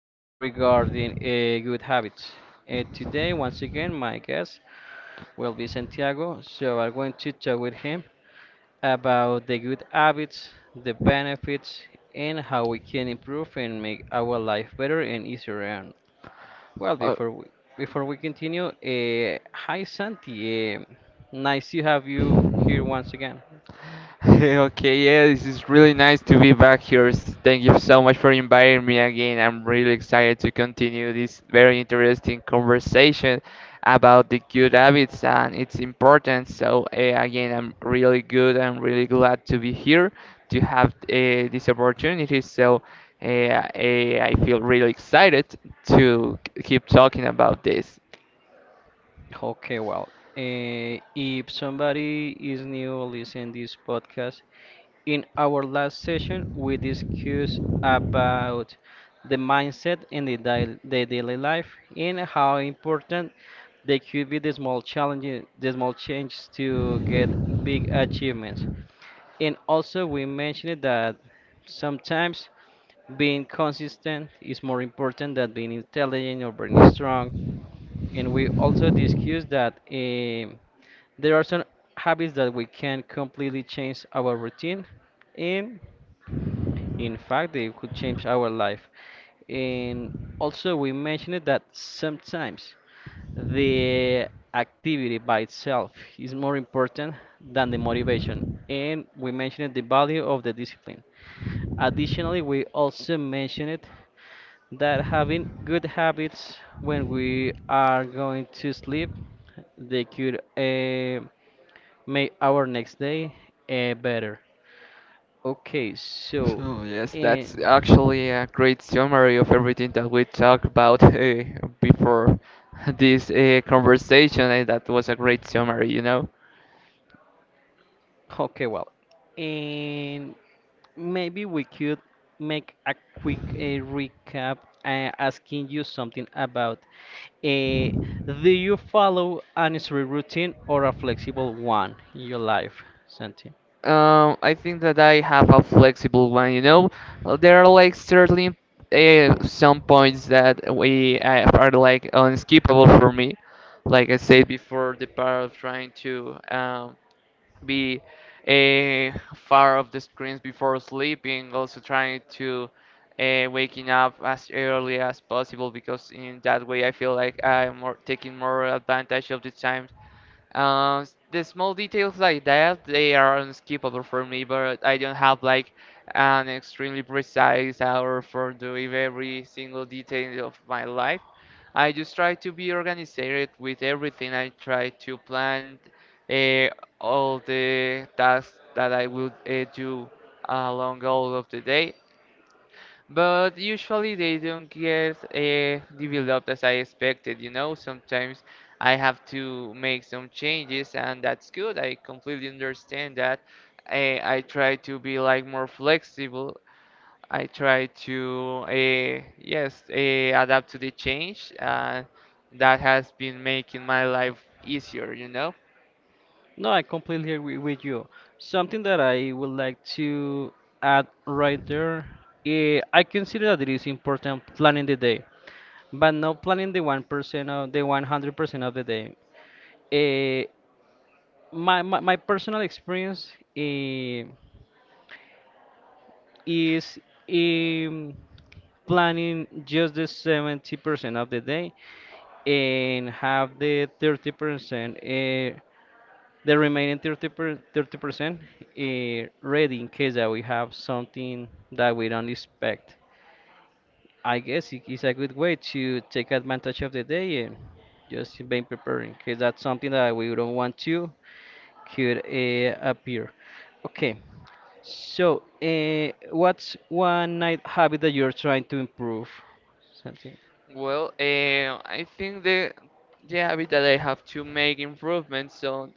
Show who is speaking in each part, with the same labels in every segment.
Speaker 1: regarding good habits. Today, once again, my guest will be Santiago, so I'm going to talk with him about the good habits, the benefits, and how we can improve and make our life better and easier. Well,
Speaker 2: Uh,
Speaker 1: before we continue, hi Santi, nice to have you here once again.
Speaker 2: Okay, yeah, this is really nice to be back here. Thank you so much for inviting me again. I'm really excited to continue this very interesting conversation about the good habits and its importance. Again, I'm really good. I'm really glad to be here to have this opportunity. I feel really excited to keep talking about this.
Speaker 1: Okay, well, if somebody is new listening this podcast, in our last session we discussed about the mindset in the daily life and how important they could be the small challenges, the small changes to get big achievements. And also, we mentioned that sometimes being consistent is more important than being intelligent or being strong. And we also discussed that there are some habits that we can completely change our routine in. In fact, they could change our life. And also, we mentioned that sometimes the activity by itself is more important than the motivation. And we mentioned the value of the discipline. Additionally, we also mentioned that having good habits when we are going to sleep, they could make our next day better. Okay, so.
Speaker 2: So yes,
Speaker 1: Uh,
Speaker 2: that's actually a great summary of everything that we talked about before this conversation, and that was a great summary,
Speaker 1: Okay, well, and maybe we could make a quick recap asking you something about uh, do you follow an easy routine or a flexible one in your life, Santi?
Speaker 2: I think that I have a flexible one, There are like certainly some points that we are like unskippable for me, like I said before, the part of trying to be far off the screens before sleeping, also trying to waking up as early as possible, because in that way I feel like I'm more, taking more advantage of the time. The small details like that, they are unskippable for me, but I don't have like an extremely precise hour for doing every single detail of my life. I just try to be organized with everything. I try to plan uh, all the tasks that I will do along all of the day. But usually they don't get developed as I expected, you know. Sometimes I have to make some changes, and that's good. I completely understand that. I try to be like more flexible. I try to, yes, adapt to the change. That has been making my life easier, you know.
Speaker 1: No, I completely agree with you. Something that I would like to add right there, I consider that it is important planning the day, but not planning the 1% of the 100% of the day. Uh, my personal experience eh, is, um, planning just the 70% of the day and have the 30% the remaining 30% ready in case that we have something that we don't expect. I guess it is a good way to take advantage of the day and just being preparing, because that's something that we don't want to could appear. Okay, so what's one night habit that you're trying to improve? Something.
Speaker 2: Well, I think the yeah, habit that I have to make improvements on,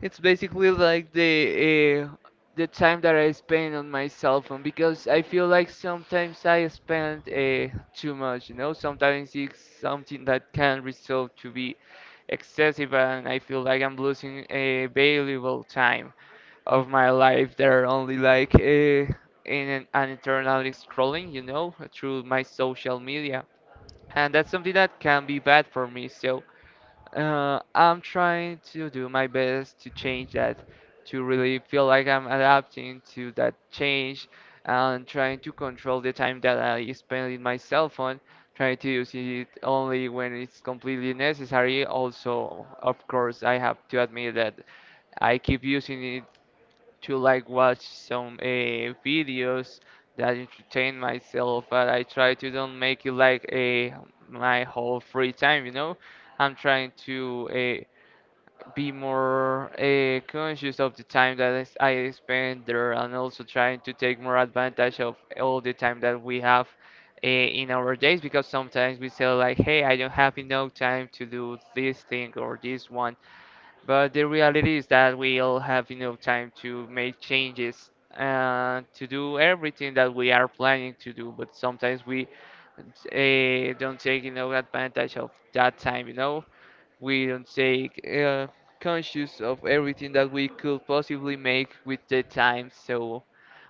Speaker 2: it's basically like the time that I spend on my cell phone, because I feel like sometimes I spend too much, you know. Sometimes it's something that can result to be excessive, and I feel like I'm losing a valuable time of my life that are only like an eternal scrolling, you know, through my social media. And that's something that can be bad for me. So I'm trying to do my best to change that, to really feel like I'm adapting to that change and trying to control the time that I spend in my cell phone, trying to use it only when it's completely necessary. Also, of course, I have to admit that I keep using it to like watch some videos that entertain myself, but I try to don't make it like a my whole free time, you know. I'm trying to be more conscious of the time that I spend there, and also trying to take more advantage of all the time that we have in our days, because sometimes we say like, "Hey, I don't have enough time to do this thing or this one." But the reality is that we all have enough time to make changes and to do everything that we are planning to do. But sometimes we don't take advantage of that time. You know, we don't take conscious of everything that we could possibly make with the time. So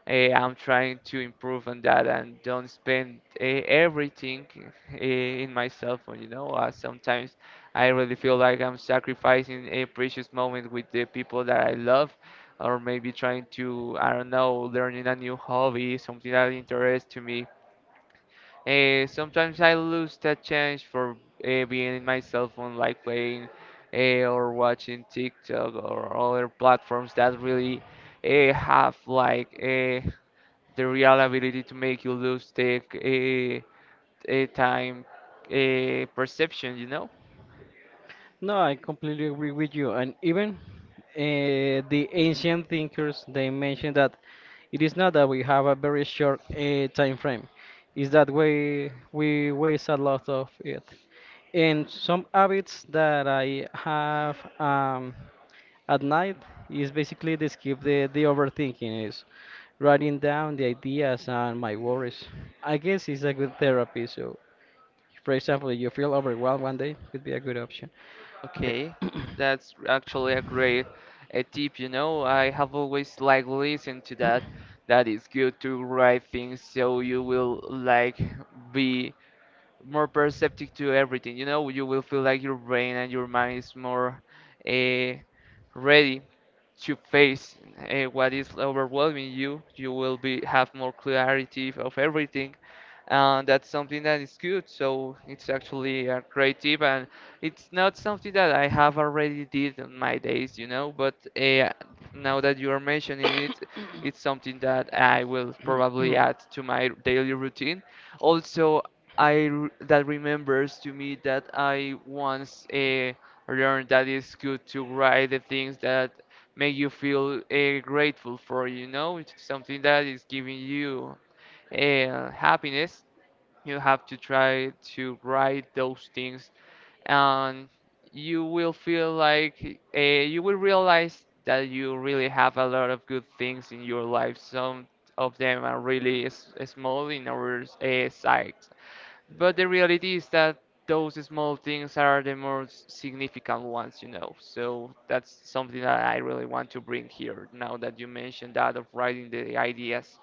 Speaker 2: Eh, I'm trying to improve on that and don't spend everything in my cell phone. You know, sometimes I really feel like I'm sacrificing a precious moment with the people that I love, or maybe trying to, I don't know, learning a new hobby, something that interests to me. Sometimes I lose that chance for being in my cell phone, like playing or watching TikTok or other platforms that really eh, have like eh, the real ability to make you lose the time perception, you know?
Speaker 1: No, I completely agree with you. And even the ancient thinkers, they mentioned that it is not that we have a very short time frame, it's that we waste a lot of it. And some habits that I have at night is basically to skip the overthinking, is writing down the ideas and my worries. I guess it's a good therapy. So, for example, you feel overwhelmed one day, could be a good option. Okay.
Speaker 2: Okay, that's actually a great tip, you know? I have always like listened to that, that it's good to write things, so you will like be more perceptive to everything. You know, you will feel like your brain and your mind is more uh, ready to face what is overwhelming you. You will be have more clarity of everything, and that's something that is good. So it's actually a great tip, and it's not something that I have already did in my days, you know. But now that you are mentioning it, it's something that I will probably add to my daily routine. Also, that remembers to me that I once learned that it's good to write the things that make you feel grateful for. You know, it's something that is giving you happiness. You have to try to write those things, and you will feel like you will realize that you really have a lot of good things in your life. Some of them are really small in our sight, but the reality is that those small things are the most significant ones, you know. So that's something that I really want to bring here now that you mentioned that of writing the ideas.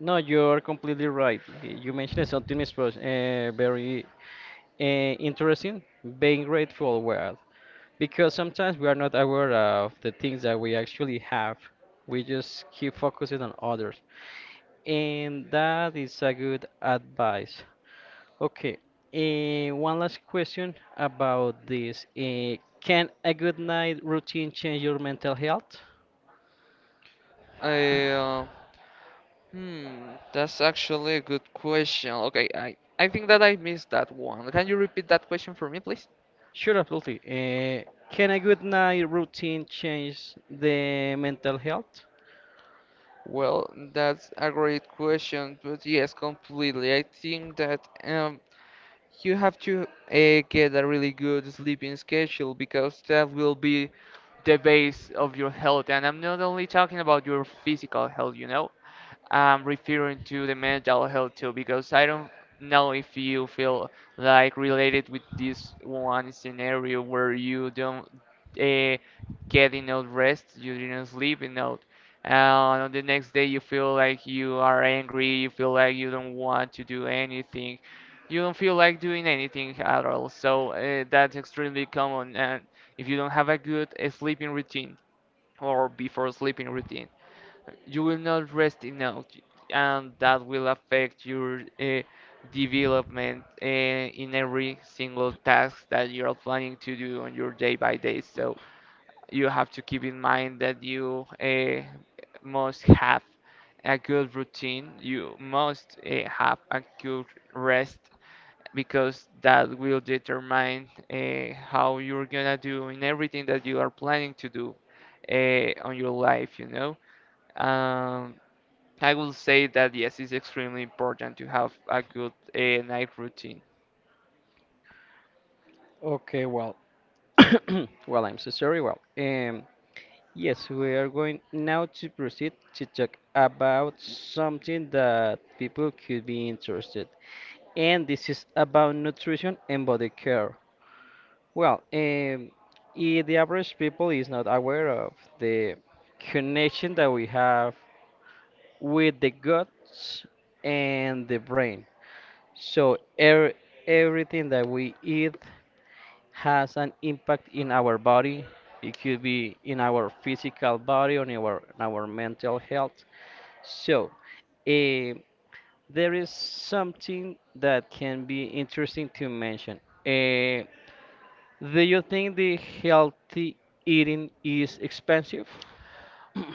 Speaker 1: No, you're completely right. You mentioned something is very interesting, being grateful world, because sometimes we are not aware of the things that we actually have. We just keep focusing on others, and that is a good advice. Okay. One last question about this. Can a good night routine change your mental health?
Speaker 2: I, uh, that's actually a good question. Okay, I think that I missed that one. Can you repeat that question for me, please?
Speaker 1: Sure, absolutely. Can a good night routine change the mental health?
Speaker 2: Well, that's a great question, but yes, completely. I think that you have to get a really good sleeping schedule, because that will be the base of your health. And I'm not only talking about your physical health, you know, I'm referring to the mental health too, because I don't know if you feel like related with this one scenario where you don't uh, get enough rest, you didn't sleep enough, and on the next day you feel like you are angry, you feel like you don't want to do anything, you don't feel like doing anything at all. So that's extremely common, and if you don't have a good sleeping routine or before sleeping routine, you will not rest enough, and that will affect your development in every single task that you're planning to do on your day by day. So you have to keep in mind that you must have a good routine, you must have a good rest, because that will determine how you're gonna do in everything that you are planning to do on your life, you know. um, I will say that yes, it's extremely important to have a good night routine.
Speaker 1: Okay, well. Well, I'm so sorry. Well, yes, we are going now to proceed to talk about something that people could be interested. And this is about nutrition and body care. Well, the average people is not aware of the connection that we have with the guts and the brain. So everything that we eat has an impact in our body. It could be in our physical body, on our mental health. So, eh, there is something that can be interesting to mention. Eh, do you think the healthy eating is expensive?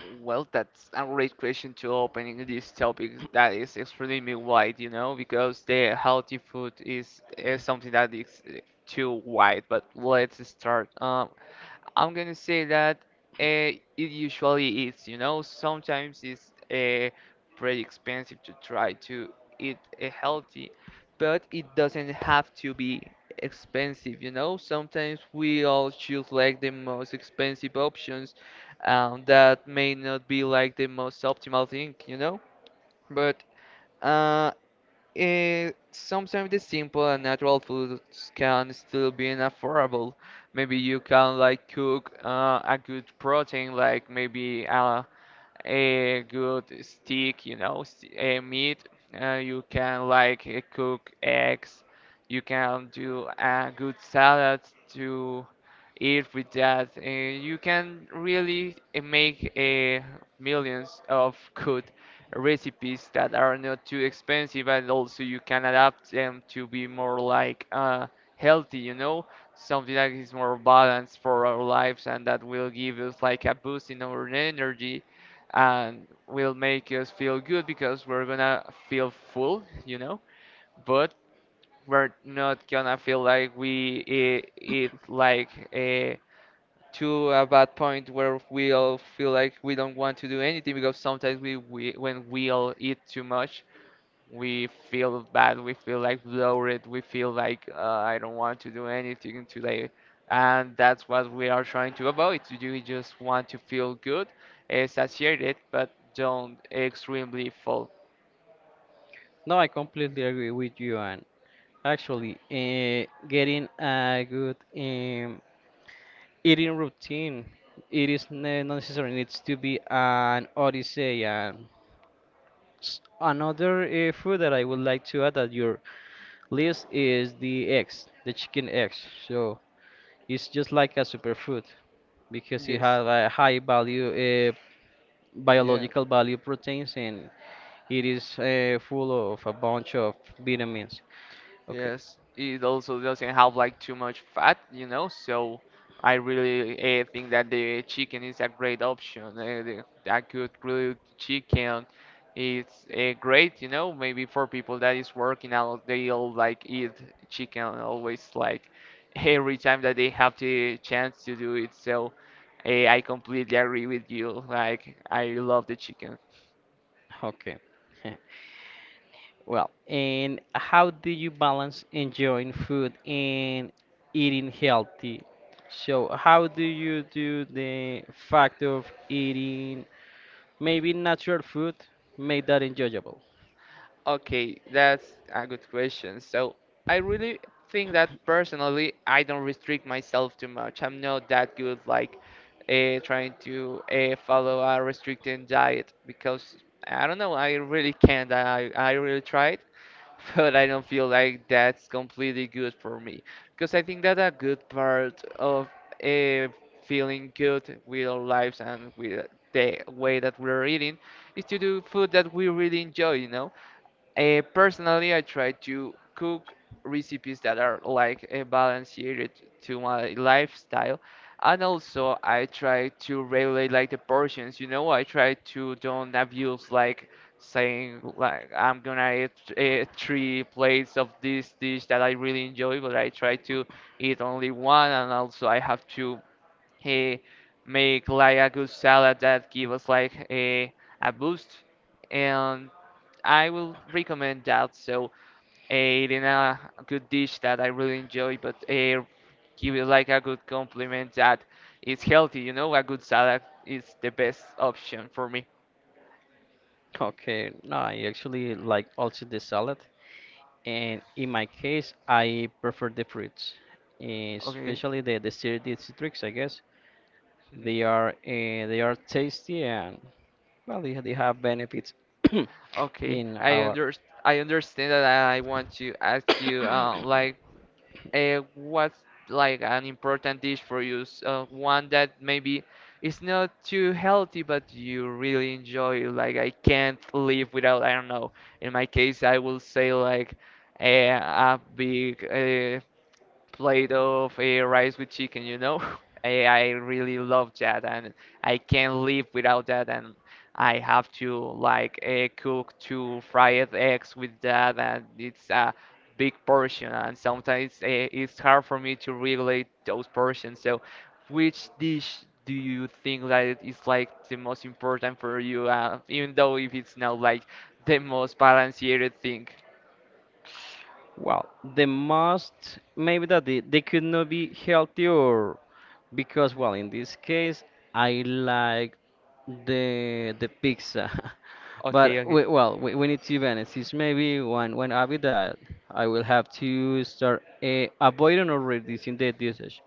Speaker 2: Well, that's a great question to opening this topic that is extremely wide, you know, because the healthy food is something that is too wide. But let's start. I'm gonna say that it usually is, you know, sometimes it's pretty expensive to try to eat healthy, but it doesn't have to be expensive, you know. Sometimes we all choose like the most expensive options, that may not be like the most optimal thing, you know. But uh, sometimes the simple and natural foods can still be affordable. Maybe you can like cook a good protein, like a good steak, you know, a meat. You can like cook eggs. You can do a good salad to eat with that. You can really make millions of good recipes that are not too expensive, and also you can adapt them to be more like healthy, you know, something that is more balanced for our lives and that will give us like a boost in our energy and will make us feel good, because we're gonna feel full, you know, but we're not gonna feel like eat like a to a bad point where we'll feel like we don't want to do anything, because sometimes we when we'll eat too much, we feel bad, we feel like bloated, we feel like I don't want to do anything today, and that's what we are trying to avoid. You just want to feel good, satiated, but don't extremely full.
Speaker 1: No, I completely agree with you. And actually, getting a good, eating routine, it is not necessarily needs to be an odyssey. And another food that I would like to add at your list is the eggs, the chicken eggs. So it's just like a superfood because it
Speaker 2: Yes.
Speaker 1: has a high uh,
Speaker 2: Yeah.
Speaker 1: biological value proteins, and it is full of a bunch of vitamins. Okay,
Speaker 2: Yes, it also doesn't have like too much fat, you know, so I really think that the chicken is a great option. That good grilled chicken is great, you know, maybe for people that is working out, they all like eat chicken always like every time that they have the chance to do it. So I completely agree with you. Like, I love the chicken.
Speaker 1: okay. Well, and how do you balance enjoying food and eating healthy? So, how do you do the fact of eating maybe natural food made that enjoyable.
Speaker 2: Okay, that's a good question. So I really think that personally, I don't restrict myself too much. I'm not that good like trying to follow a restricting diet, because I don't know. I really can't. I really tried, but I don't feel like that's completely good for me because I think that a good part of uh, feeling good with our lives and with the way that we're eating is to do food that we really enjoy. Personally, I try to cook recipes that are like balanced to my lifestyle, and also I try to regulate like the portions. You know, I try to don't abuse like saying like I'm gonna eat three plates of this dish that I really enjoy, but I try to eat only one, and also I have to uh, make like a good salad that give us like a boost. And I will recommend that. So it in a good dish that I really enjoy, but give it like a good compliment that is healthy. You know, a good salad is the best option for me.
Speaker 1: Okay, no, I actually like also the salad, and in my case, I prefer the fruits,
Speaker 2: Okay.
Speaker 1: especially the citrus. I guess they are, they are tasty, and well, they have benefits
Speaker 2: Okay,
Speaker 1: in
Speaker 2: I
Speaker 1: our...
Speaker 2: under I understand that I want to ask you like what's like an important dish for you? One that maybe is not too healthy, but you really enjoy. Like I can't live without. I don't know. In my case, I will say like uh, a big plate of rice with chicken, you know? I really love that and I can't live without that and I have to like cook two fried eggs with that and it's a big portion and sometimes it's hard for me to regulate those portions. So which dish do you think that it is like the most important for you even though if it's not like the most balanced thing?
Speaker 1: Well, the most maybe that they could not be healthier, because well, in this case I like the pizza.
Speaker 2: Okay,
Speaker 1: But
Speaker 2: okay.
Speaker 1: well, we need to balance. It's maybe one habit that I will have to start avoiding or reducing the usage,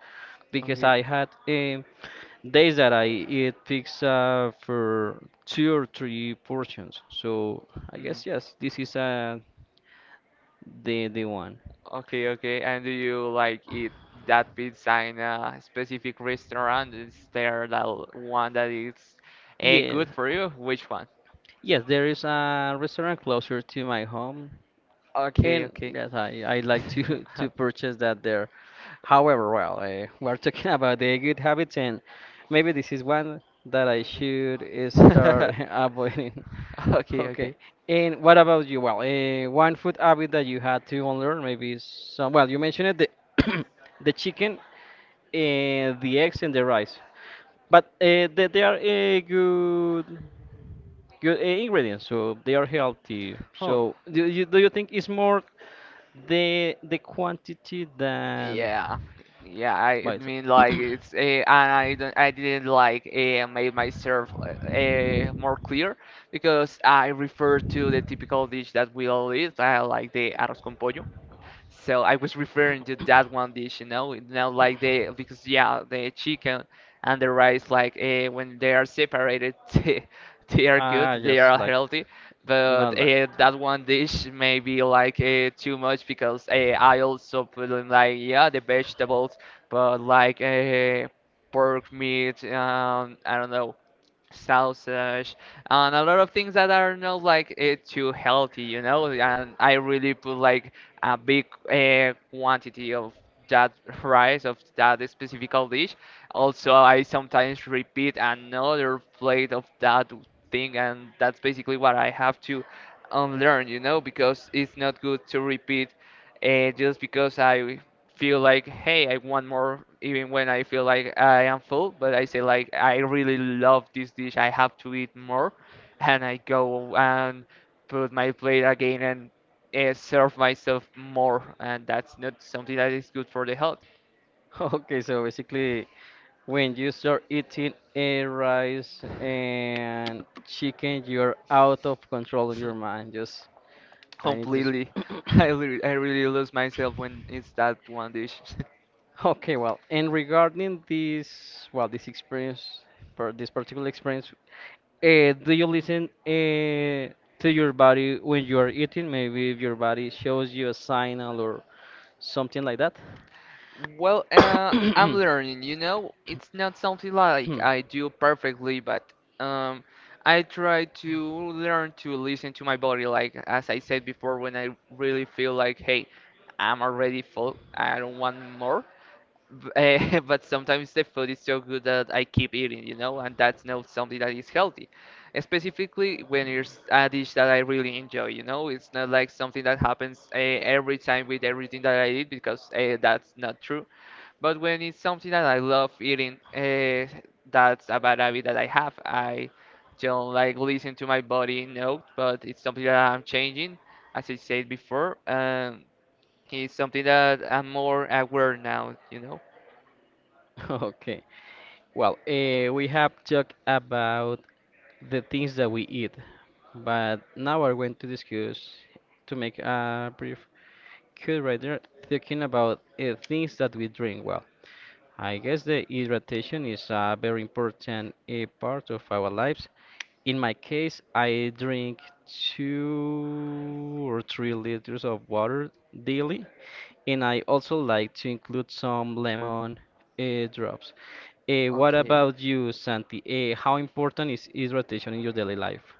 Speaker 1: because
Speaker 2: Okay.
Speaker 1: I had, days that I eat pizza for two or three portions. So I
Speaker 2: Mm.
Speaker 1: guess yes, this is the one.
Speaker 2: Okay, okay. And do you like eat that pizza in a specific restaurant? Is there that one that is
Speaker 1: Yes,
Speaker 2: good for you? Which one?
Speaker 1: yes, there is a restaurant closer to my home,
Speaker 2: Okay,
Speaker 1: and
Speaker 2: okay.
Speaker 1: yes, I like to to purchase that there. However, well, we're talking about the good habits, and maybe this is one that I should start avoiding.
Speaker 2: Okay,
Speaker 1: Okay,
Speaker 2: okay.
Speaker 1: and what about you? Well, one food habit that you had to unlearn, maybe some. Well, you mentioned it, the the chicken, the eggs, and the rice. But they are good, ingredients, so they are healthy.
Speaker 2: Oh,
Speaker 1: So do you think it's more the quantity than
Speaker 2: yeah, yeah. I
Speaker 1: by
Speaker 2: I
Speaker 1: itself?
Speaker 2: mean, like it's and I didn't like make myself more clear because I refer to the typical dish that we all eat. I like the arroz con pollo. So I was referring to that one dish, you know, like they because yeah, the chicken and the rice, like when they are separated, they are good,
Speaker 1: Ah,
Speaker 2: they
Speaker 1: just
Speaker 2: are
Speaker 1: like,
Speaker 2: healthy.
Speaker 1: not
Speaker 2: But
Speaker 1: like.
Speaker 2: that one dish may be like too much because I also put in like yeah the vegetables, but like pork meat, I don't know, sausage, and a lot of things that are not like too healthy, you know. And I really put like a big quantity of that rice of that specific dish. Also, I sometimes repeat another plate of that thing, and that's basically what I have to unlearn, you know, because it's not good to repeat just because I feel like, hey, I want more, even when I feel like I am full. But I say like, I really love this dish. I have to eat more, and I go and put my plate again and serve myself more. And that's not something that is good for the health.
Speaker 1: Okay, so basically, when you start eating a rice and chicken, you're out of control in your mind. Just, I need this.
Speaker 2: Completely. I really lose myself when it's that one dish.
Speaker 1: Okay, well, and regarding this, well, this experience, per this particular experience, do you listen, to your body when you are eating? Maybe if your body shows you a signal or something like that?
Speaker 2: Well, I'm learning, you know, it's not something like I do perfectly, but um, I try to learn to listen to my body, like as I said before, when I really feel like, hey, I'm already full, I don't want more. But sometimes the food is so good that I keep eating, you know, and that's not something that is healthy. Specifically when it's a dish that I really enjoy, you know, it's not like something that happens every time with everything that I eat because that's not true. But when it's something that I love eating, that's a bad habit that I have. I don't like listen to my body note, but it's something that I'm changing, as I said before. It's something that I'm more aware now, you know?
Speaker 1: Okay. Well, we have talked about the things that we eat, but now we're going to discuss, to make a brief cut right there, talking about things that we drink. Well, I guess the hydration is a very important part of our lives. In my case, I drink 2 or 3 liters of water daily, and I also like to include some lemon drops. What
Speaker 2: Okay.
Speaker 1: about you, Santi? How important is hydration in your daily life?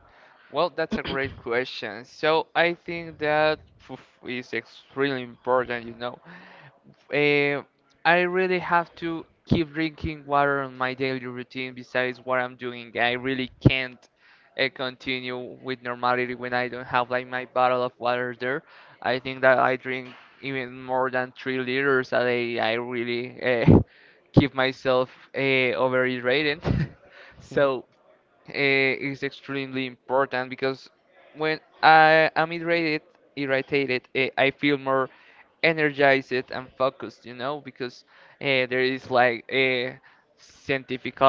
Speaker 2: Well, that's a great question. So I think that poof, is extremely important, you know. Uh, I really have to keep drinking water on my daily routine besides what I'm doing. I really can't continue with normality when I don't have like my bottle of water there. I think that I drink even more than 3 liters a day. I really keep myself uh, overhydrated.
Speaker 1: Mhm.
Speaker 2: So it's extremely important because when I am irritated, I feel more energized and focused, you know, because there is like scientific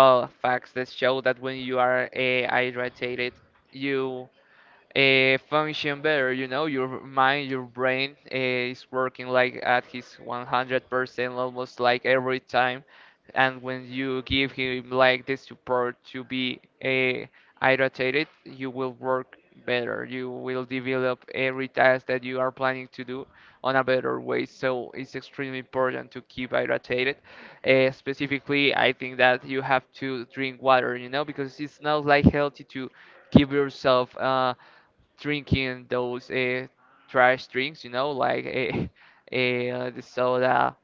Speaker 2: facts that show that when you are hydrated, you function better. You know, your mind, your brain is working like at his 100% almost like every time. And when you give him like the support to be irritated, you will work better. You will develop every task that you are planning to do on a better way. So it's extremely important to keep hydrated. Specifically, I think that you have to drink water, you know, because it's not like healthy to give yourself drinking those trash drinks, you know, like the soda,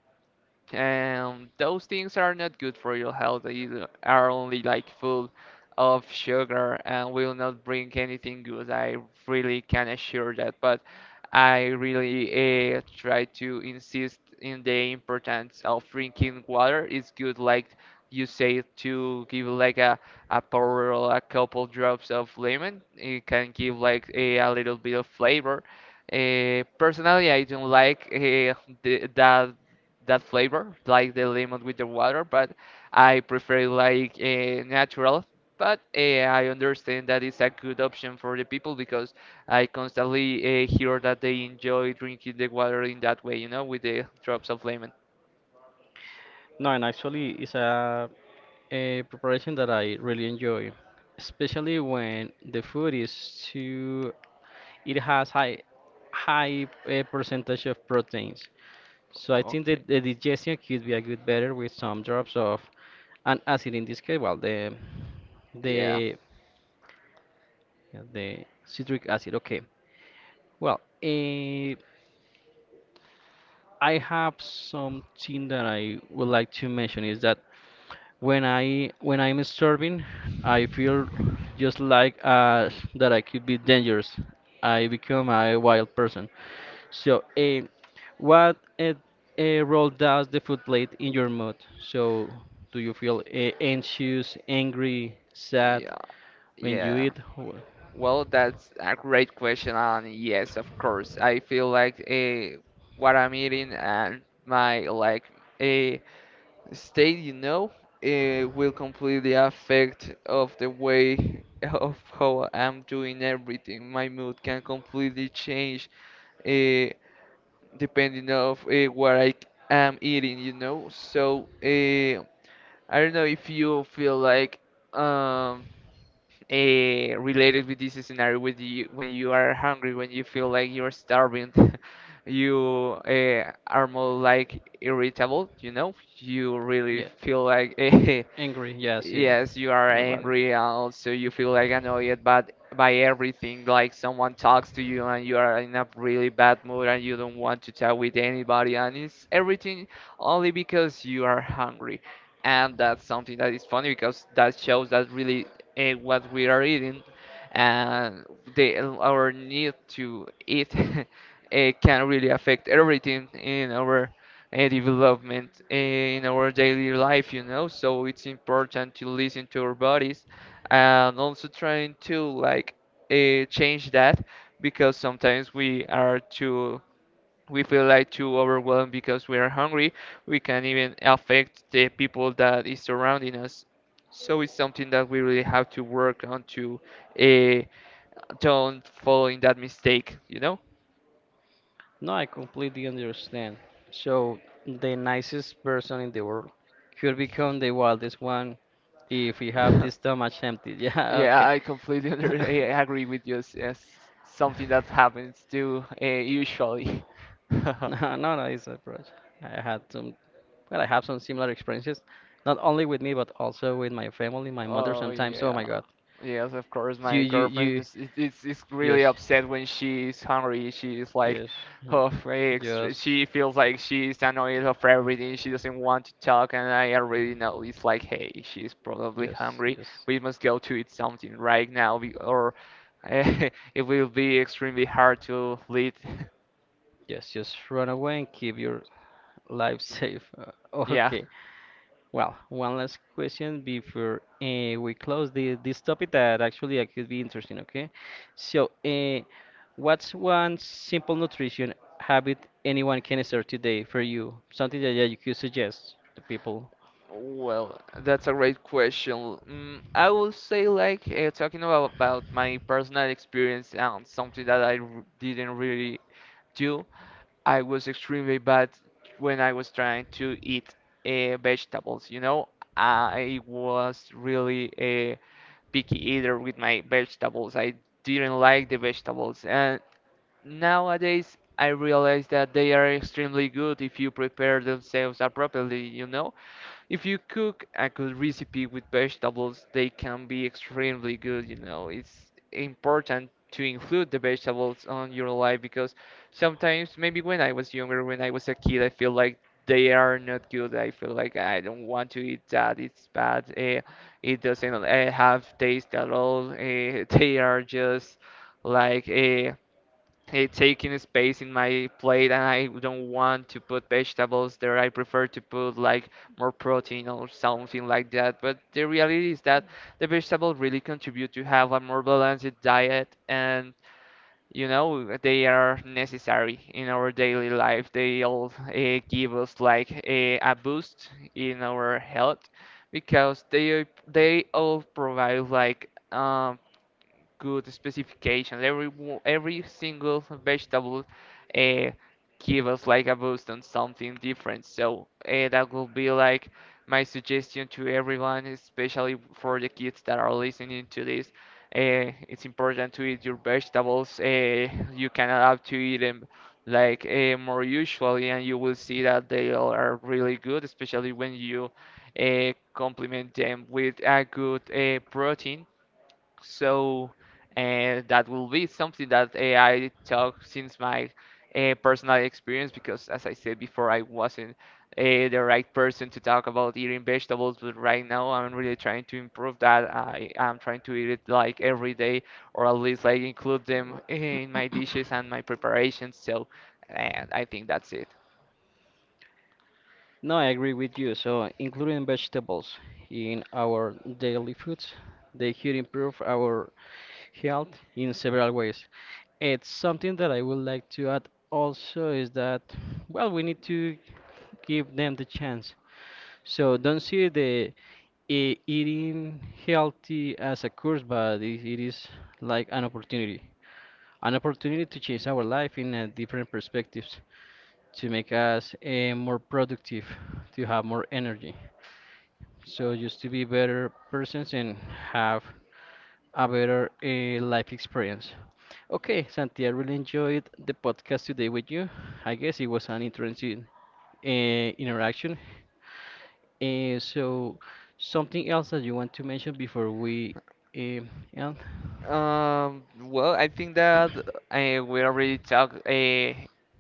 Speaker 2: and those things are not good for your health. They are only like full of sugar and will not bring anything good. I really can assure that, but I really try to insist in the importance of drinking water. It's good, like you say, to give like a pour or a couple drops of lemon. It can give like a little bit of flavor. Personally, I don't like that that flavor, like the lemon with the water, but I prefer it like natural. But I understand that it's a good option for the people because I constantly hear that they enjoy drinking the water in that way, you know, with the drops of lemon.
Speaker 1: No, and actually, it's a preparation that I really enjoy, especially when the food is too, it has high percentage of proteins. So I think that the digestion could be a good better with some drops of an acid, in this case. Well,
Speaker 2: Yeah,
Speaker 1: the the citric acid. Okay. Well, I have something that I would like to mention is that when I'm starving, I feel just like, that I could be dangerous. I become a wild person. So, what role does the food play in your mood? So, do you feel anxious, angry, sad
Speaker 2: yeah,
Speaker 1: when you
Speaker 2: yeah.
Speaker 1: eat? Wh-
Speaker 2: Well, that's a great question, and yes, of course, I feel like what I'm eating and my like. uh, State, you know, it will completely affect of the way of how I'm doing everything. My mood can completely change uh, depending of what I am eating, you know. So I don't know if you feel like um related with this scenario with you when you are hungry, when you feel like you're starving. You are more like irritable, you know, you really
Speaker 1: Yeah,
Speaker 2: feel like
Speaker 1: angry. Yes, yeah.
Speaker 2: yes, you are
Speaker 1: Nobody.
Speaker 2: angry, also you feel like annoyed but by everything, like someone talks to you and you are in a really bad mood and you don't want to talk with anybody and it's everything only because you are hungry. And that's something that is funny because that shows that really what we are eating and the our need to eat it can really affect everything in our development in our daily life, you know. So it's important to listen to our bodies and also trying to like change that because sometimes we are too, we feel like too overwhelmed because we are hungry. We can even affect the people that is surrounding us. So it's something that we really have to work on to uh, don't fall in that mistake, you
Speaker 1: No, I completely understand. So, the nicest person in the world could become the wildest one if we have
Speaker 2: know?
Speaker 1: this stomach empty. Yeah,
Speaker 2: Yeah,
Speaker 1: okay.
Speaker 2: I agree with you. It's something that happens too, usually.
Speaker 1: No, no, no, it's a project. I had some, well, I have some similar experiences, not only with me, but also with my family, my mother
Speaker 2: Oh
Speaker 1: sometimes. Oh my
Speaker 2: yeah,
Speaker 1: God.
Speaker 2: yes, of course.
Speaker 1: You,
Speaker 2: My
Speaker 1: you,
Speaker 2: girlfriend
Speaker 1: you,
Speaker 2: is is it's is really
Speaker 1: yes,
Speaker 2: upset when she's hungry. She's like,
Speaker 1: yes,
Speaker 2: oh, very
Speaker 1: yes,
Speaker 2: extra. She feels like she's annoyed of everything. She doesn't want to talk, and I already know it's like, hey, she's probably
Speaker 1: yes,
Speaker 2: hungry.
Speaker 1: yes.
Speaker 2: We must go to eat something right now, or it will be extremely hard to lead.
Speaker 1: Yes, just run away and keep your life safe.
Speaker 2: Yeah.
Speaker 1: Okay. Well, one last question before we close the this topic, that actually could be interesting. Okay. So, what's one simple nutrition habit anyone can start today for you? Something that you could suggest to people.
Speaker 2: Well, that's a great question. Mm, I would say like talking about my personal experience and something that didn't really do. I was extremely bad when I was trying to eat vegetables. You know, I was really a picky eater with my vegetables. I didn't like the vegetables, and nowadays I realize that they are extremely good if you prepare themselves appropriately. You know, if you cook a good recipe with vegetables, they can be extremely good, you know. It's important to include the vegetables on your life because sometimes, maybe when I was younger, when I was a kid, I feel like they are not good. I feel like I don't want to eat that. It's bad. It doesn't have taste at all. They are just like. It's taking space in my plate, and I don't want to put vegetables there. I prefer to put like more protein or something like that. But the reality is that the vegetables really contribute to have a more balanced diet, and you know they are necessary in our daily life. They all give us like a boost in our health because they all provide like. Good specifications. Every single vegetable uh, give us like a boost on something different. So that will be like my suggestion to everyone, especially for the kids that are listening to this. It's important to eat your vegetables. You can adapt to eat them like more usually, and you will see that they all are really good, especially when you complement them with a good protein, so that will be something that I talk since my personal experience because, as I said before, I wasn't the right person to talk about eating vegetables. But right now, I'm really trying to improve that. I am trying to eat it like every day, or at least like include them in my dishes and my preparations. So I think that's it.
Speaker 1: No, I agree with you. So, including vegetables in our daily foods, they could improve our health in several ways. It's something that I would like to add also is that, well, we need to give them the chance. So, don't see the eating healthy as a curse, but it is like an opportunity to change our life in a different perspectives, to make us more productive, to have more energy. So just to be better persons and have a better life experience. Okay, Santi, I really enjoyed the podcast today with you. I guess it was an interesting interaction. So, something else that you want to mention before we, um, end?
Speaker 2: Well, I think that we already talked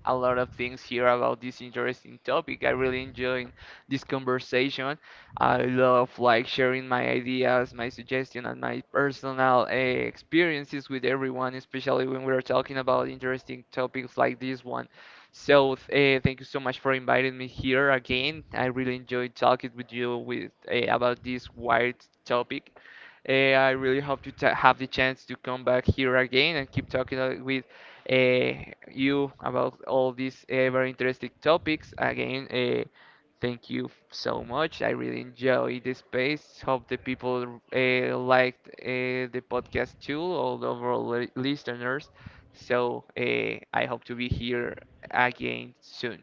Speaker 2: a lot of things here about this interesting topic. I really enjoyed this conversation. I love like sharing my ideas, my suggestion, and my personal experiences with everyone, especially when we're talking about interesting topics like this one. So, thank you so much for inviting me here again. I really enjoyed talking with you with about this wide topic. I really hope to ta have the chance to come back here again and keep talking with uh, you about all these very interesting topics. Again, thank you so much. I really enjoy the space. Hope the people liked the podcast too, all the overall listeners. So I hope to be here again soon.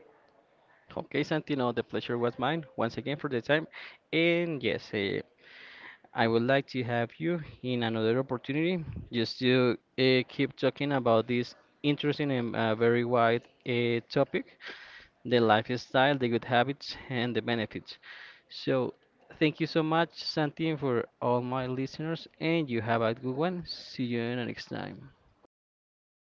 Speaker 1: Okay, Santino, the pleasure was mine once again for the time. And yes, I would like to have you in another opportunity, just to keep talking about this interesting and very wide topic, the lifestyle, the good habits, and the benefits. So, thank you so much, Santino, for all my listeners, and you have a good one. See you next time.